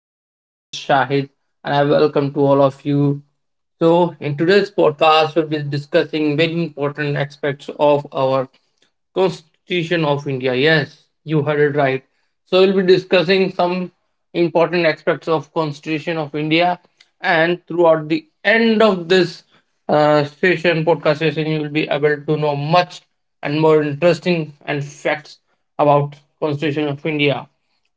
session. This is Shahid, and I welcome to all of you. So, in today's podcast, we'll be discussing very important aspects of our Constitution of India. Yes, you heard it right. So, we'll be discussing some important aspects of Constitution of India, and throughout the end of this session, podcast session, you will be able to know much and more interesting and facts about Constitution of India.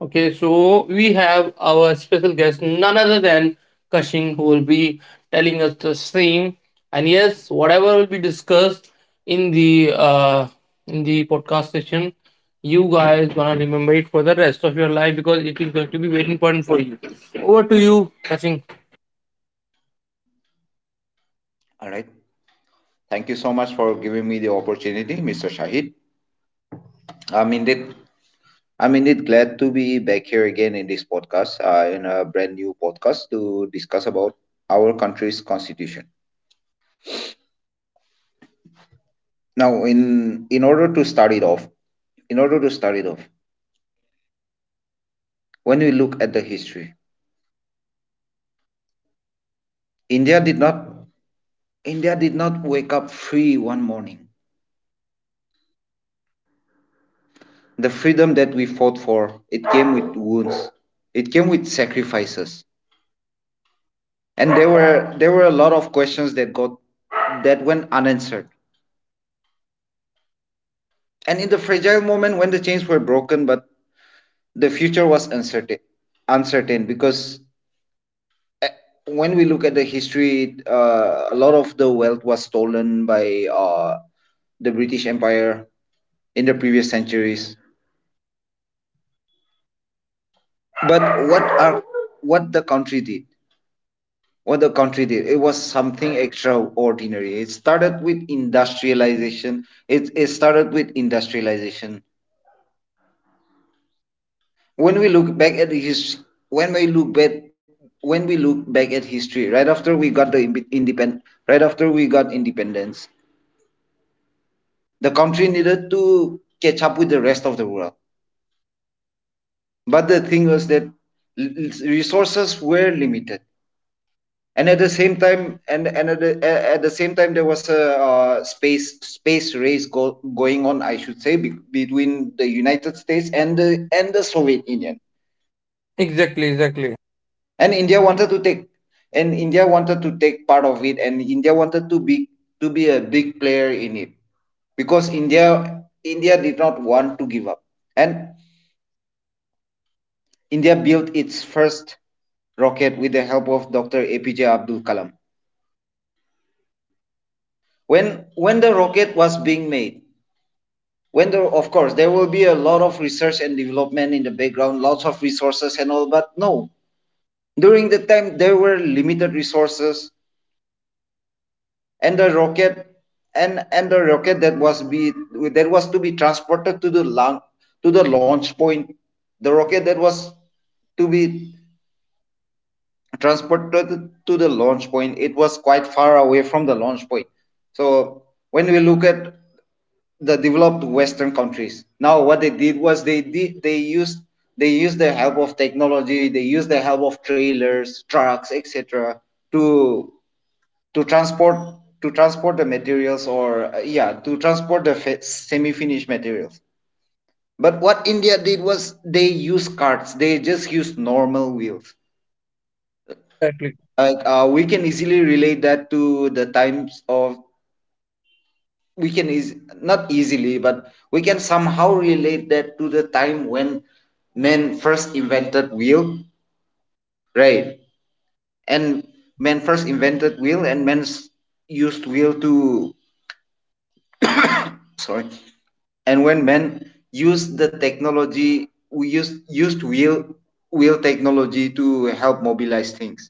Okay, so we have our special guest, none other than Kashing, who will be telling us the same. And yes, whatever will be discussed in the uh, in the podcast session, you guys gonna remember it for the rest of your life because it is going to be very important for you. Over to you, Kashing. All right. Thank you so much for giving me the opportunity, Mr. Shahid. I'm indeed, I'm indeed glad to be back here again in this podcast, in a brand new podcast to discuss about our country's constitution. Now, in order to start it off, in order to start it off, when we look at the history, India did not India did not wake up free one morning. The freedom that we fought for, it came with wounds. It came with sacrifices. And there were a lot of questions that got that went unanswered, and in the fragile moment when the chains were broken but the future was uncertain, uncertain because eh, when we look at the history, a lot of the wealth was stolen by the British empire in the previous centuries. But what are what the country did. Well, the country did. It was something extraordinary. It started with industrialization. It started with industrialization. When we look back at his, when we look back, when we look back at history, right after we got independence, the country needed to catch up with the rest of the world. But the thing was that resources were limited. And at the same time and at, the, At the same time there was a space race going on, I should say, between the United States and the Soviet Union. Exactly, exactly, and india wanted to take and India wanted to take part of it, and India wanted to be, to be a big player in it, because India did not want to give up. And India built its first rocket with the help of Dr. APJ Abdul Kalam. When the rocket was being made, when there, of course, there will be a lot of research and development in the background, lots of resources and all, but no, during the time there were limited resources. And the rocket, and and the rocket that was be that was to be transported to the launch, to the launch point, the rocket that was to be transported to the launch point, it was quite far away from the launch point. So when we look at the developed western countries, now what they did was they used, they used the help of technology, they used the help of trailers, trucks, etc. to to transport, to transport the materials or, yeah, to transport the semi-finished materials. But what India did was they used carts. They just used normal wheels. exactly. Like, we can easily relate that to the times of, we can is not easily, but we can somehow relate that to the time when men first invented wheel, right? And Right, men first invented wheel, and used wheel to, sorry, and when men used the technology, we used wheel, wheel technology to help mobilize things.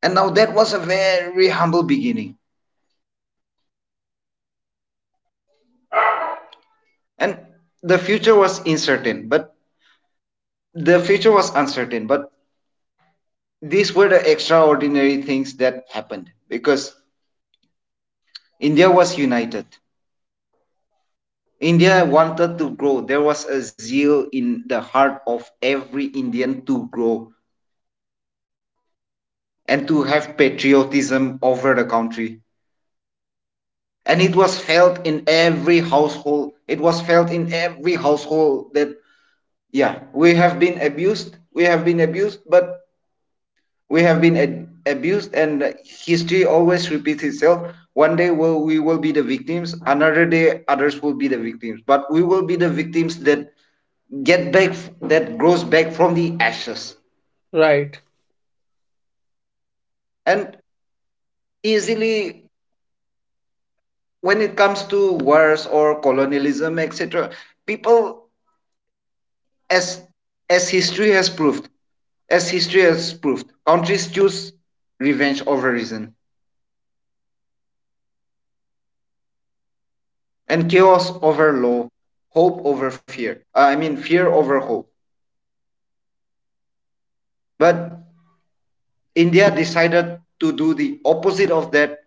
And now that was a very humble beginning. And the future was uncertain, but the future was uncertain but these were the extraordinary things that happened because India was united. India wanted to grow. There was a zeal in the heart of every Indian to grow and to have patriotism over the country. And it was felt in every household, that yeah, we have been abused, we have been abused but we have been ad- abused and history always repeats itself. One day we will be the victims, another day others will be the victims, but we will be the victims that get back, that grows back from the ashes. right, And easily, when it comes to wars or colonialism, etc., people, as as history has proved, countries choose revenge over reason, and chaos over law, hope over fear. I mean, fear over hope. But India decided to do the opposite of that,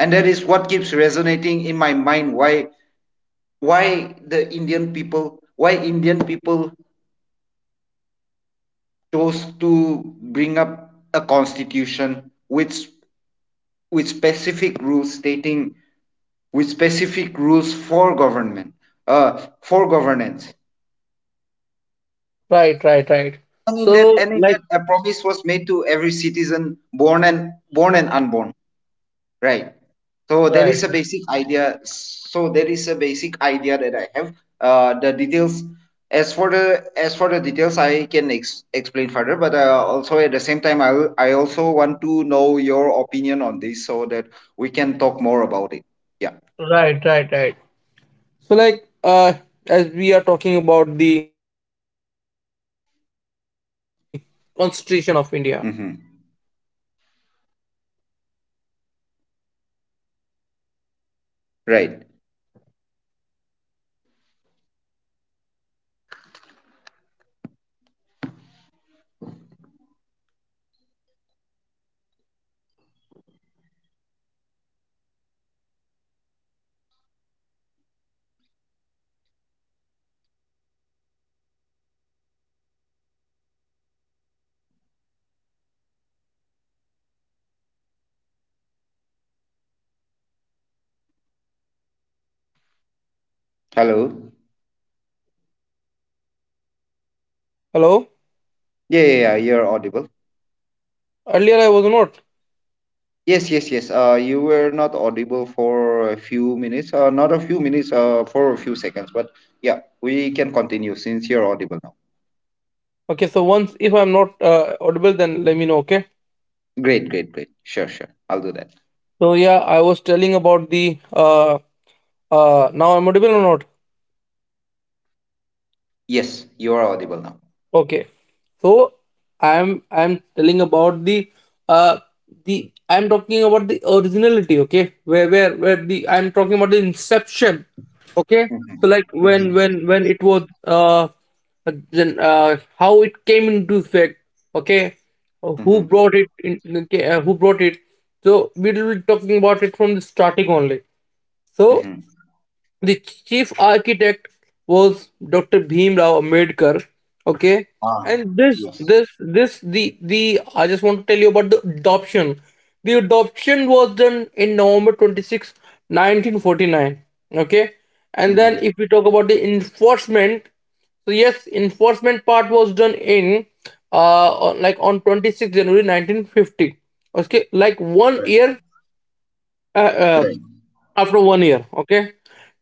and that is what keeps resonating in my mind. Why, why Indian people chose to bring up a constitution with specific rules stating with specific rules for government, for governance. right, right, right. So, And in like, that, a promise was made to every citizen born and unborn, right. So there right, is a basic idea, that I have. The details, as for the, details, I can explain further, but, also at the same time, I also want to know your opinion on this so that we can talk more about it, yeah. right, right, right. So, like, as we are talking about the constitution of India. Okay. Mm-hmm. Right. Hello. Hello. Yeah, yeah, yeah, you're audible. Earlier I was not. Yes, yes, yes. You were not audible for a few minutes. Not a few minutes. For a few seconds. But yeah, we can continue since you're audible now. Okay. So once if I'm not audible, then let me know. Okay. Great, great, great. Sure, sure. I'll do that. So yeah, I was telling about the Now I'm audible or not? Yes, you are audible now. Okay, so I'm telling about uh the I'm talking about the originality. Okay, where the I'm talking about the inception. Okay, Mm-hmm. so like when Mm-hmm. when when it was then how it came into effect. Okay, who Mm-hmm. brought it in? Okay, who brought it? So we will be talking about it from the starting only. So Mm-hmm. the chief architect was Dr. Bhim Rao Ambedkar. Okay, Ah, and this, yes. this, this, the, the. I just want to tell you about the adoption. The adoption was done in November 26, 1949. Okay, and then Mm-hmm. if we talk about the enforcement, so yes, enforcement part was done in, like on 26 January 1950. Okay, like one Right. year. Uh, uh, Right. after one year, okay,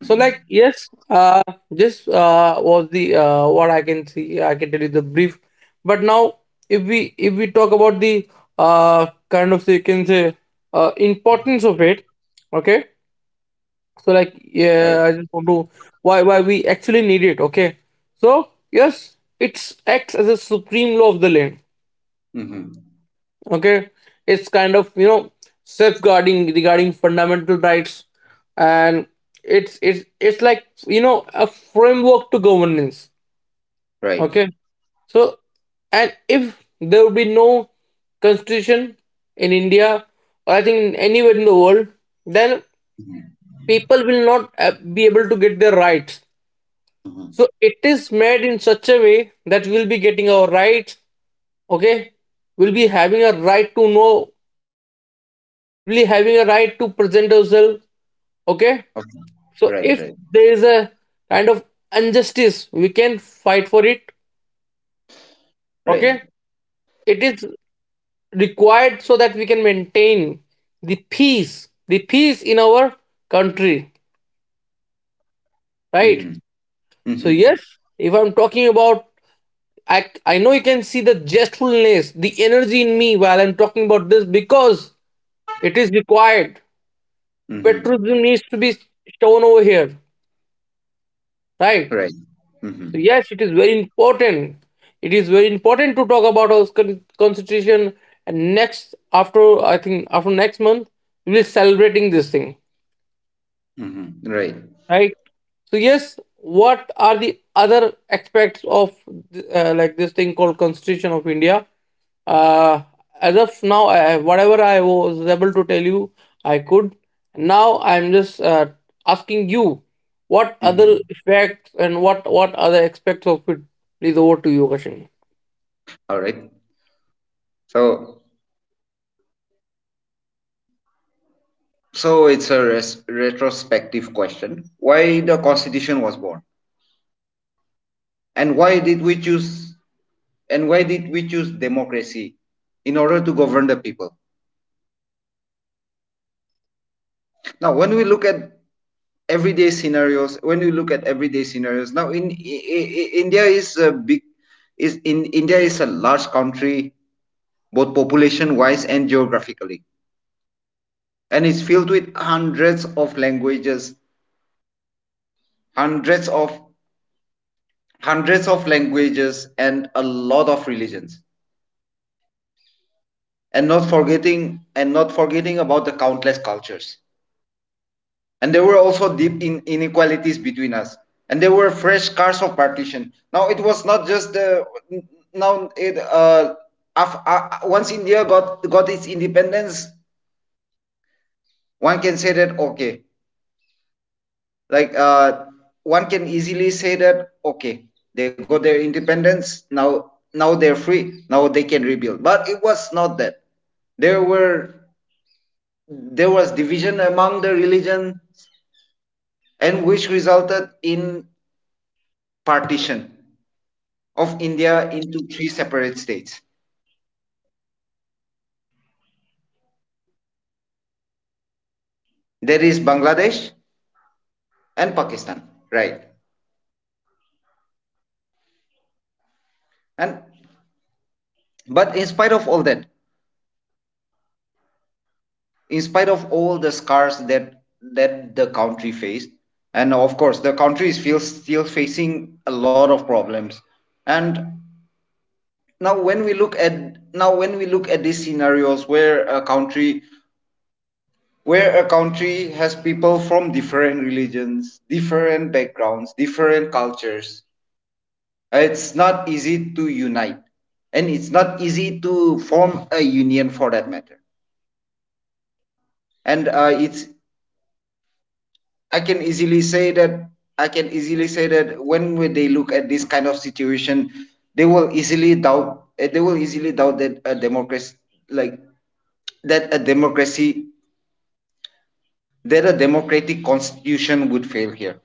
so like yes, this was the what I can see, I can tell you the brief, but now if we talk about the kind of, so you can say, uh, importance of it, okay, so like Right. yeah, I just want to, why we actually need it. Okay, so yes, it's acts as a supreme law of the land. Mm-hmm. Okay, it's kind of, you know, safeguarding regarding fundamental rights, and it's like, you know, a framework to governance. Right. Okay, so, and if there would be no constitution in India, or I think anywhere in the world, then Mm-hmm. people will not be able to get their rights. Mm-hmm. So it is made in such a way that we'll be getting our rights. Okay, will be having a right to know everything, will be having a right to present ourselves. Okay, Okay. so Right. if Right. there is a kind of injustice, we can fight for it. Right. Okay, it is required so that we can maintain the peace in our country, right? Mm-hmm. So Mm-hmm. yes, if I'm talking about, i I know you can see the zestfulness, the energy in me while I'm talking about this, because it is required. Mm-hmm. Patriotism needs to be shown over here, right? Right. Mm-hmm. So yes, it is very important. It is very important to talk about our constitution. And next, after, I think after next month, we will be celebrating this thing. Mm-hmm. Right. Right, so yes, what are the other aspects of like this thing called constitution of India, uh, as of now, whatever I was able to tell you, I could, now I'm just asking you what other Mm-hmm. effects and what other aspects of it. Please over to you, Kashin. All right. So So it's a retrospective question. Why the constitution was born? And why did we choose, democracy in order to govern the people? Now when we look at everyday scenarios, now in, India is a big, is in India is a large country, both population wise and geographically, and it's filled with hundreds of languages, hundreds of hundreds of languages and a lot of religions, and not forgetting about the countless cultures. And there were also deep in inequalities between us, and there were fresh scars of partition. Now it was not just the now it Once India got its independence, one can say that okay, like uh, one can easily say that okay, they got their independence. Now, now they're free, now they can rebuild, but it was not that. there were there was division among the religion, and which resulted in partition of India into three separate states. There is Bangladesh and Pakistan, right. And but in spite of all that, in spite of all the scars that that the country faced, and of course the country is still facing a lot of problems, and now when we look at, these scenarios where a country, has people from different religions, different backgrounds, different cultures, it's not easy to unite, and it's not easy to form a union for that matter. And, it's, I can easily say that, when they look at this kind of situation, they will easily doubt. They will easily doubt that a democracy, like, a democracy, that a democratic constitution would fail here.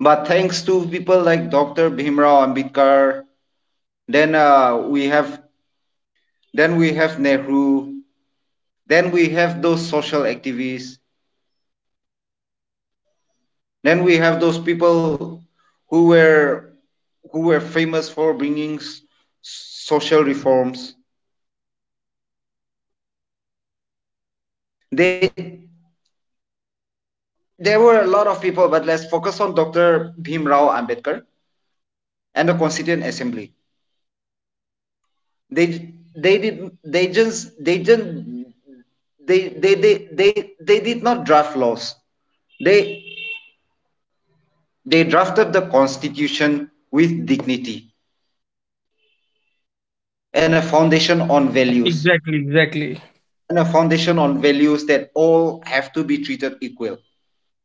But thanks to people like Dr. Bhimrao Ambedkar, then, we have, then we have Nehru, then we have those social activists, then we have those people who were, famous for bringing social reforms. They There were a lot of people, but let's focus on Dr. Bhim Rao Ambedkar and the Constituent Assembly. They did they just they didn't they did not draft laws. They they drafted the constitution with dignity and a foundation on values, Exactly, exactly, and a foundation on values that all have to be treated equal.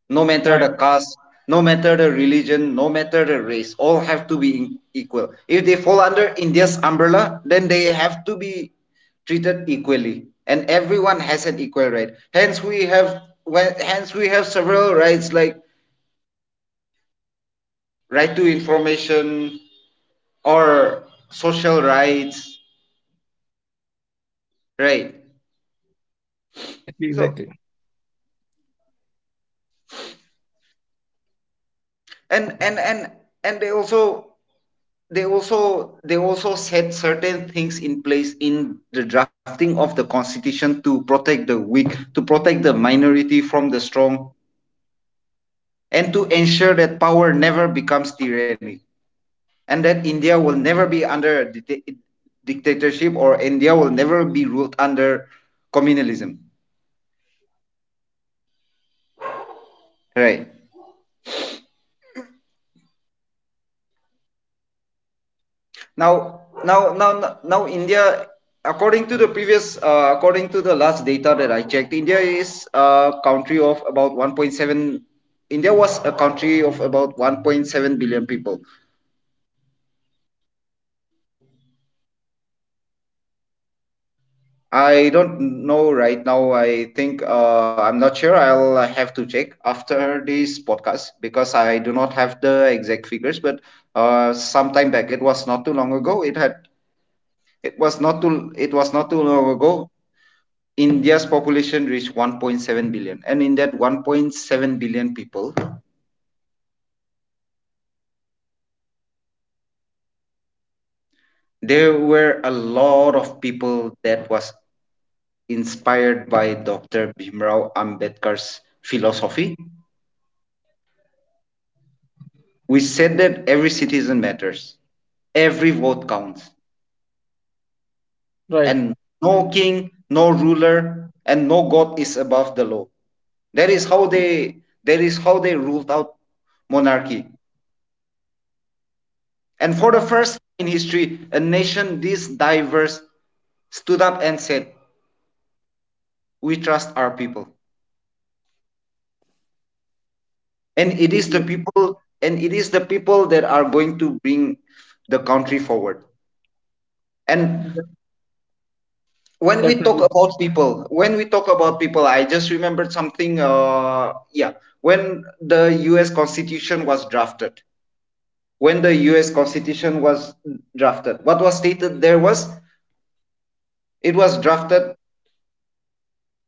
No matter right. the caste, no matter the religion, no matter the race, all have to be equal. If they fall under India's umbrella, then they have to be treated equally, and everyone has an equal right. Hence, we have, well, hence we have several rights like right to information or social rights, right? Exactly, So exactly, and and and and they also, they also set certain things in place in the drafting of the constitution to protect the weak, to protect the minority from the strong, and to ensure that power never becomes tyranny and that India will never be under a dictatorship, or India will never be ruled under communalism, right. Now, India, according to the previous, according to the last data that I checked, India is a country of about 1.7. India was a country of about 1.7 billion people. I don't know right now. I think, I'm not sure, I'll have to check after this podcast because I do not have the exact figures. But sometime back, it was not too long ago. It was not too long ago, India's population reached 1.7 billion, and in that 1.7 billion people, there were a lot of people that was inspired by Dr. Bhimrao Ambedkar's philosophy. We said that every citizen matters, every vote counts, right. and no king, no ruler, and no god is above the law. That is how they, ruled out monarchy. And for the Right. first time in history, a nation this diverse stood up and said, "We trust our people." And it is the Exactly. people, and it is the people that are going to bring the country forward. And De- when we talk definitely, about people, when we talk about people, I just remembered something. Yeah, when the U.S. Constitution was drafted, when the U.S. Constitution was drafted, what was stated there was it was drafted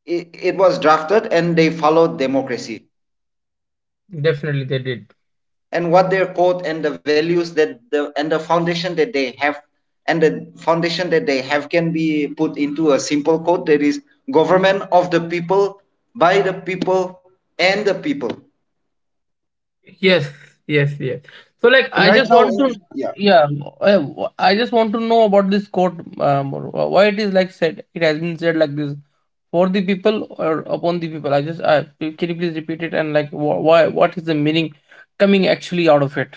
it, it was drafted and they followed democracy, definitely they did. and what their code and the values that the and the foundation that they have and the foundation that they have can be put into a simple code, that is: government of the people, by the people, and the people. Yes, yes, yes. So like And I right just now, want to, yeah. yeah, I, I just want to know about this quote, or why it is like said, it has been said like this, for the people or upon the people. I just, can you please repeat it, and like why, what is the meaning coming actually out of it?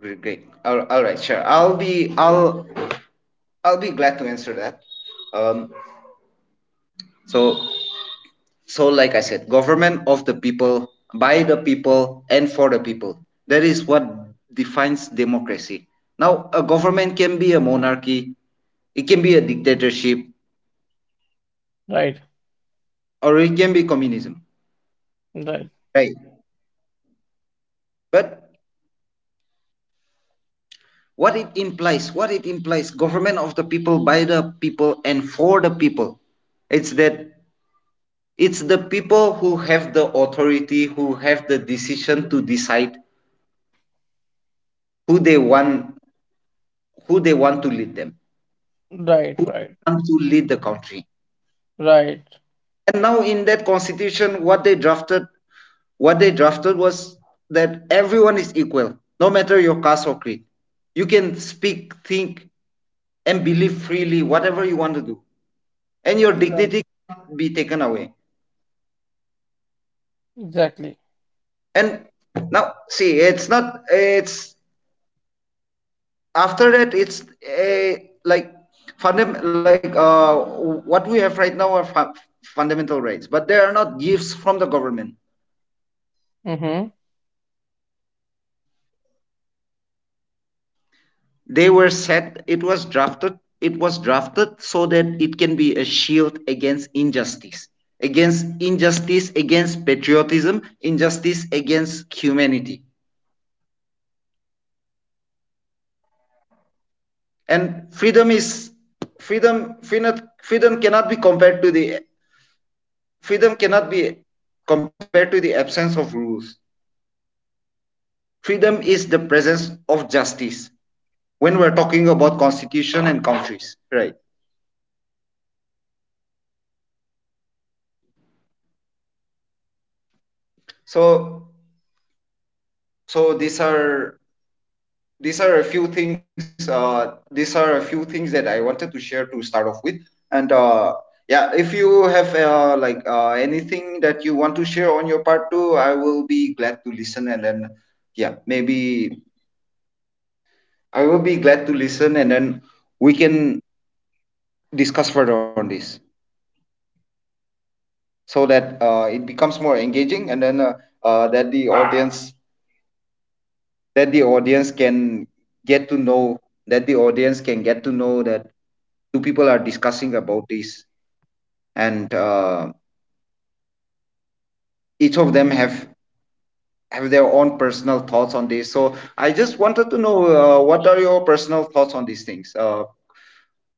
All right, sure, I'll be glad to answer that. um so So, like I said, government of the people, by the people, and for the people. That is what defines democracy. Now, a government can be a monarchy, it can be a dictatorship, Right. or it can be communism, Right. right? But what it implies, government of the people, by the people, and for the people, it's that it's the people who have the authority, who have the decision to decide who they want, who they want to lead them Right, who right. want to lead the country. Right. And now in that constitution, what they drafted was that everyone is equal, no matter your caste or creed. You can speak, think, and believe freely, whatever you want to do, and your Right. dignity can't be taken away. Exactly. And now, see, it's not. It's after that. It's like fundam- like what we have right now are fundamental rights, but they are not gifts from the government. Mhm. They were set. It was drafted so that it can be a shield against injustice, against patriotism, injustice against humanity. And freedom is freedom freedom, freedom cannot be compared to the freedom cannot be compared to the absence of rules. Freedom is the presence of justice. When we're talking about constitution and countries, right? So so these are a few things, these are a few things that I wanted to share to start off with. And yeah, if you have like anything that you want to share on your part too, I will be glad to listen, and then yeah, maybe I will be glad to listen, and then we can discuss further on this, so that it becomes more engaging, and then uh that the audience that the audience can get to know that the audience can get to know that two people are discussing about this, and each of them have their own personal thoughts on this. So I just wanted to know, what are your personal thoughts on these things,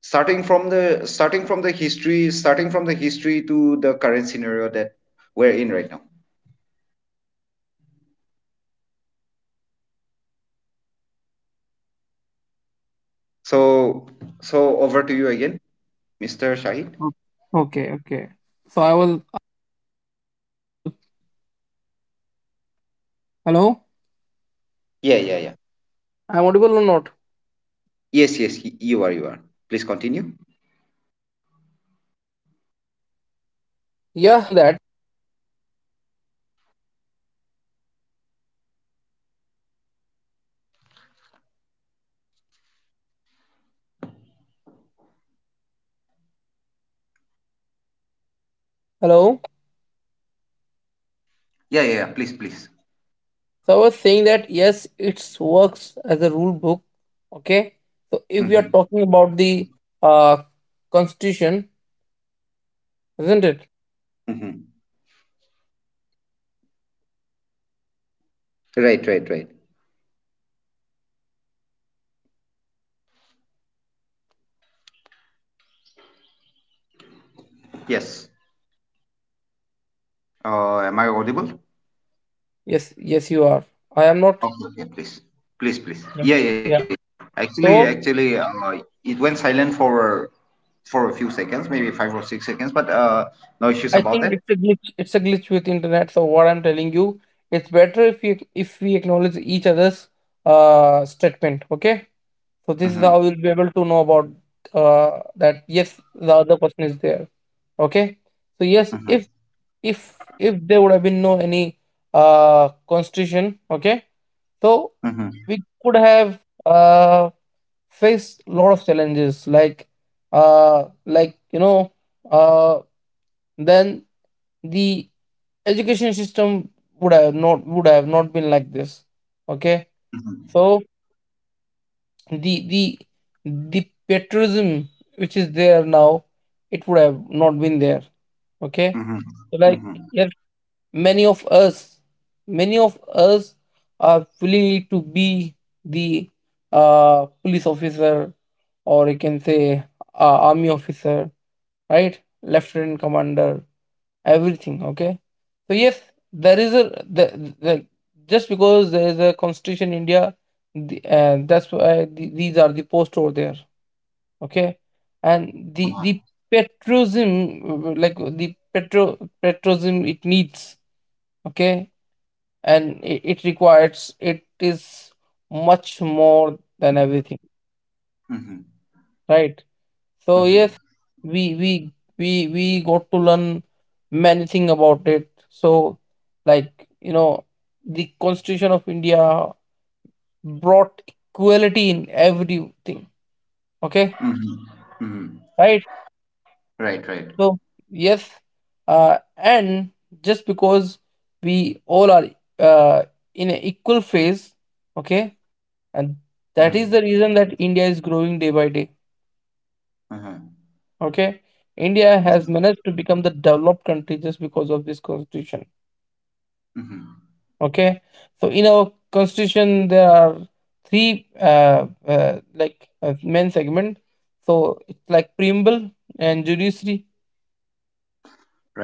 starting from the history, starting from the history to the current scenario that we're in right now. So so over to you again, Mr. Shahid. O- Okay, okay. So I was, I'm audible. Hello? Yeah, yeah, yeah. I'm audible or not? Yes, yes, you are, you are. Please continue. Yeah, so I was saying that, hello? Yeah, yeah, yeah. Please, please. So I was saying that yes, it works as a rule book. Okay. So if we are Mm-hmm. talking about the uh, constitution, isn't it? Mm-hmm. Right, right, right. Yes. Am I audible? Yes, yes, you are. I am not. Okay, okay, please, please, please. Yeah. Yeah, yeah, yeah. Yeah. Actually, So actually, uh, it went silent for a few seconds, maybe 5 or 6 seconds, but no issues I about think that. it's a glitch. It's a glitch with internet. So what I'm telling you, it's better if you, if we acknowledge each other's statement. Okay. So this is Mm-hmm. how we'll be able to know about that. Yes, the other person is there. Okay. So yes, Mm-hmm. if if there would have been no any constitution, okay, so Mm-hmm. we could have uh faced a lot of challenges, like, like, you know, uh, then the education system would have not been like this. Okay, Mm-hmm. so the the patriotism which is there now, it would have not been there. Okay, Mm-hmm. so like Mm-hmm. yes, Many of us, many of us are willingly to be the police officer, or you can say army officer, right? Lieutenant commander, everything. Okay, so yes, there is a the just because there is a constitution in India, that's why these are the posts over there. Okay, and the patriotism, like the petro patriotism, it needs. Okay, and it requires, it is much more than everything, Mm-hmm. right? So Mm-hmm. yes, we we we got to learn many things about it. So like, you know, the constitution of India brought equality in everything. Okay, Mm-hmm. Mm-hmm. right. Right, right. So yes, and just because we all are uh, in an equal phase, okay, and that is the Mm-hmm. reason that India is growing day by day. Mm-hmm. Okay, India has managed to become the developed country just because of this constitution. Mm-hmm. Okay, so in our constitution there are three like, main segment. So it's like preamble and judiciary,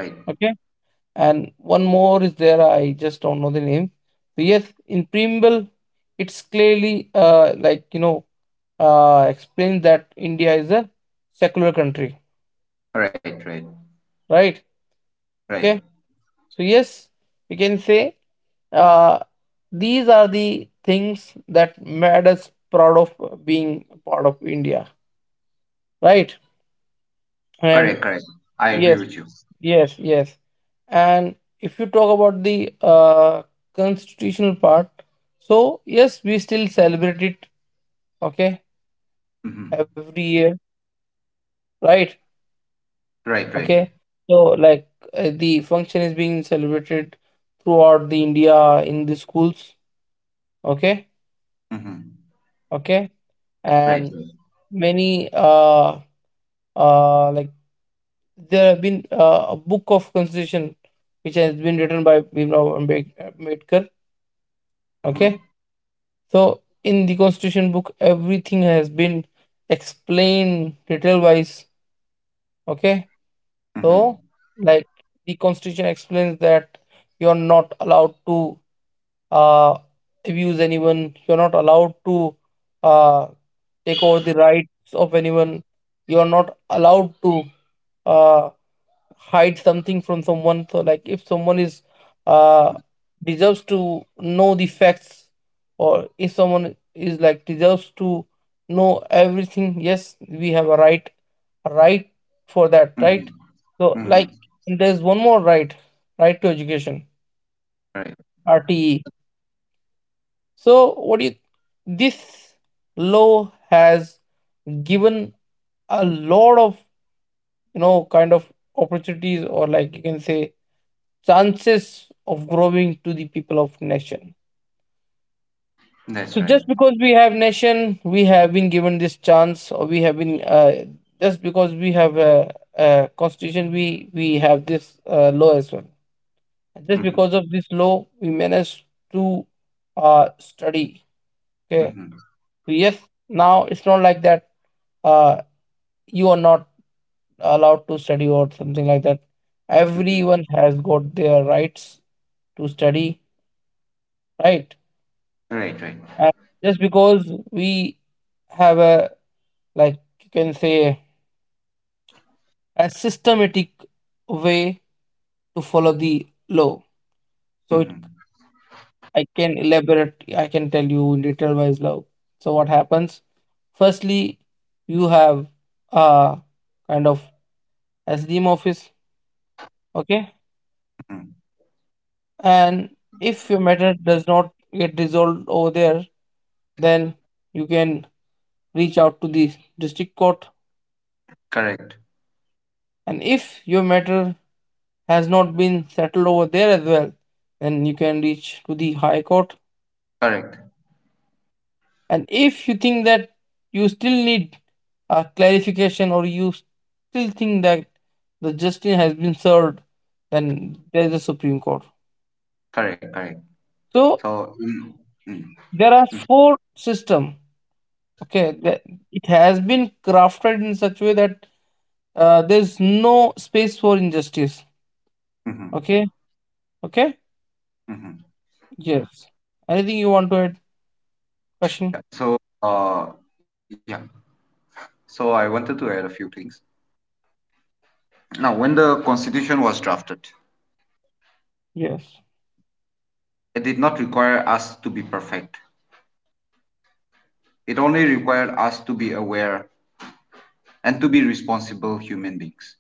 Right, okay, and one more is there, I just don't know the name. So yes, in preamble it's clearly, like, you know, explains that India is a secular country, right, right, right? right. Okay, so yes, we can say, uh, these are the things that made us proud of being part of India, right? And Correct, correct. I agree yes, with you. yes, yes. And if you talk about the constitutional part, so yes, we still celebrate it, okay, every Mm-hmm. year, right? Right, Okay, right. so like the function is being celebrated throughout the India in the schools, okay, Mm-hmm. okay, and Right, right. many like, there have been a book of constitution which has been written by Ambedkar. Okay, Mm-hmm. so in the constitution book everything has been explained detail wise. Okay, Mm-hmm. so like the constitution explains that you're not allowed to uh abuse anyone, you're not allowed to uh take over the rights of anyone, you're not allowed to uh hide something from someone. So like if someone is uh deserves to know the facts, or if someone is like deserves to know everything, yes, we have a right, a right for that, right? Mm-hmm. So Mm-hmm. like there's one more right, right to education, Right. RTE. So what do you, this law has given a lot of, you know, kind of opportunities, or like you can say chances of growing to the people of nation. So That's just right. because we have nation, we have been given this chance, or we have been just because we have a constitution, we have this law as well. Just Mhm, because of this law, we managed to study. Okay, mhm, so yes, now it's not like that, uh, you are not allowed to study or something like that. mhm. Everyone has got their rights to study, right? Right, right. And just because we have a, like you can say, a systematic way to follow the law. So it, Mhm, I can elaborate. I can tell you in detail wise law. So what happens? Firstly, you have a kind of SDM office, okay? mhm. And if your matter does not get resolved over there, then you can reach out to the district court. Correct, And if your matter has not been settled over there as well, then you can reach to the High Court. correct, And if you think that you still need a clarification, or you still think that the justice has been served, then there is the Supreme Court. correct, correct. So So, mm, mm, there are four system. Okay, that it has been crafted in such a way that there's no space for injustice. mhm, Okay, okay, mhm. yes. Anything you want to add, Kashin? So, uh, yeah. So I wanted to add a few things. Now, when the constitution was drafted, Yes. it did not require us to be perfect. It only required us to be aware and to be responsible human beings.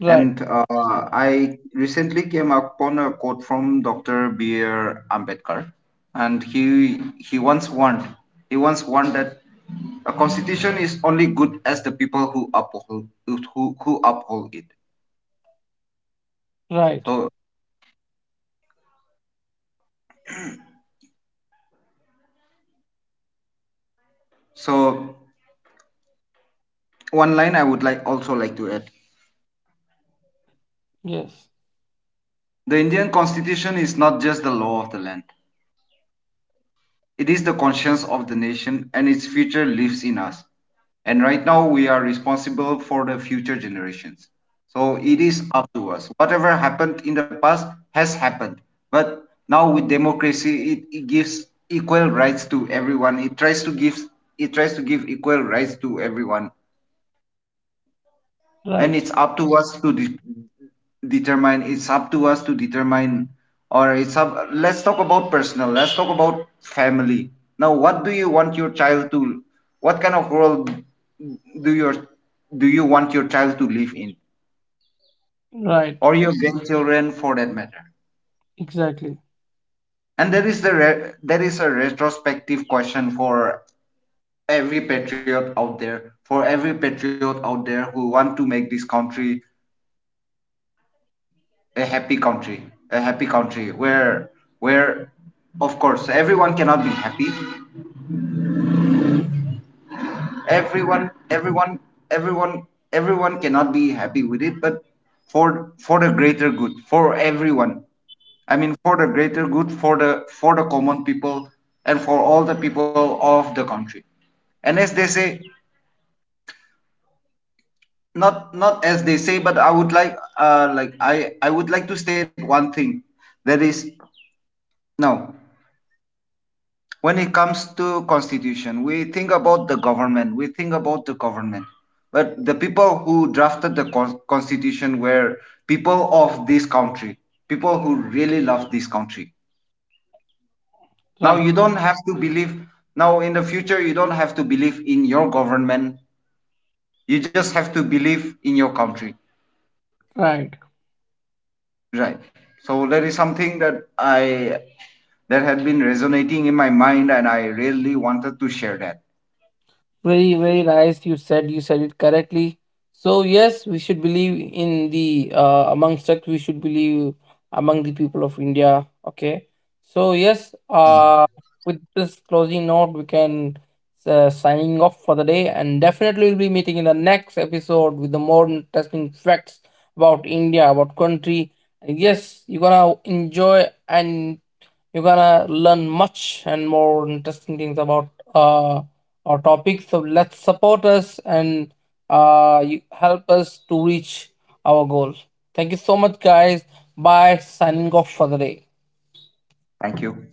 Right, And I recently came upon a quote from Dr. B. R. Ambedkar, and he once warned that a constitution is only good as the people who uphold it. right. So so one line I would also like to add: Yes, the Indian Constitution is not just the law of the land; it is the conscience of the nation, and its future lives in us. And right now we are responsible for the future generations. So it is up to us. Whatever happened in the past has happened. But now with democracy, it gives equal rights to everyone. It tries to give equal rights to everyone, and right, it's up to us to de- determine it's up to us to determine or it's up let's talk about personal, let's talk about family. Now, what do you want your child to, what kind of world do your do you want your child to live in, right, or your grandchildren for that matter? exactly, And there is a retrospective question for every patriot out there for every patriot out there who want to make this country a happy country, a happy country where of course everyone cannot be happy, everyone everyone everyone everyone cannot be happy with it, but for the greater good for everyone, I mean for the greater good for the, for the common people and for all the people of the country. And as they say, not not as they say, but I would like, like, I would like to state one thing, that is, no, when it comes to constitution, we think about the government, but the people who drafted the constitution were people of this country, people who really love this country. Now you right, don't have to believe, now in the future you don't have to believe in your government, you just have to believe in your country, right. right? So that is something that I, that had been resonating in my mind, and I really wanted to share that. Very, very nice. You said, you said it correctly. So yes, we should believe in the amongst us. We should believe among the people of India. Okay. So yes, with this closing note, we can signing off for the day, and definitely we'll be meeting in the next episode with the more interesting facts about India, about country. And yes, you're gonna enjoy, and you're gonna learn much and more interesting things about uh, our topic. So let's support us, and you help us to reach our goal. Thank you so much, guys. Bye. Signing off for the day. Thank you.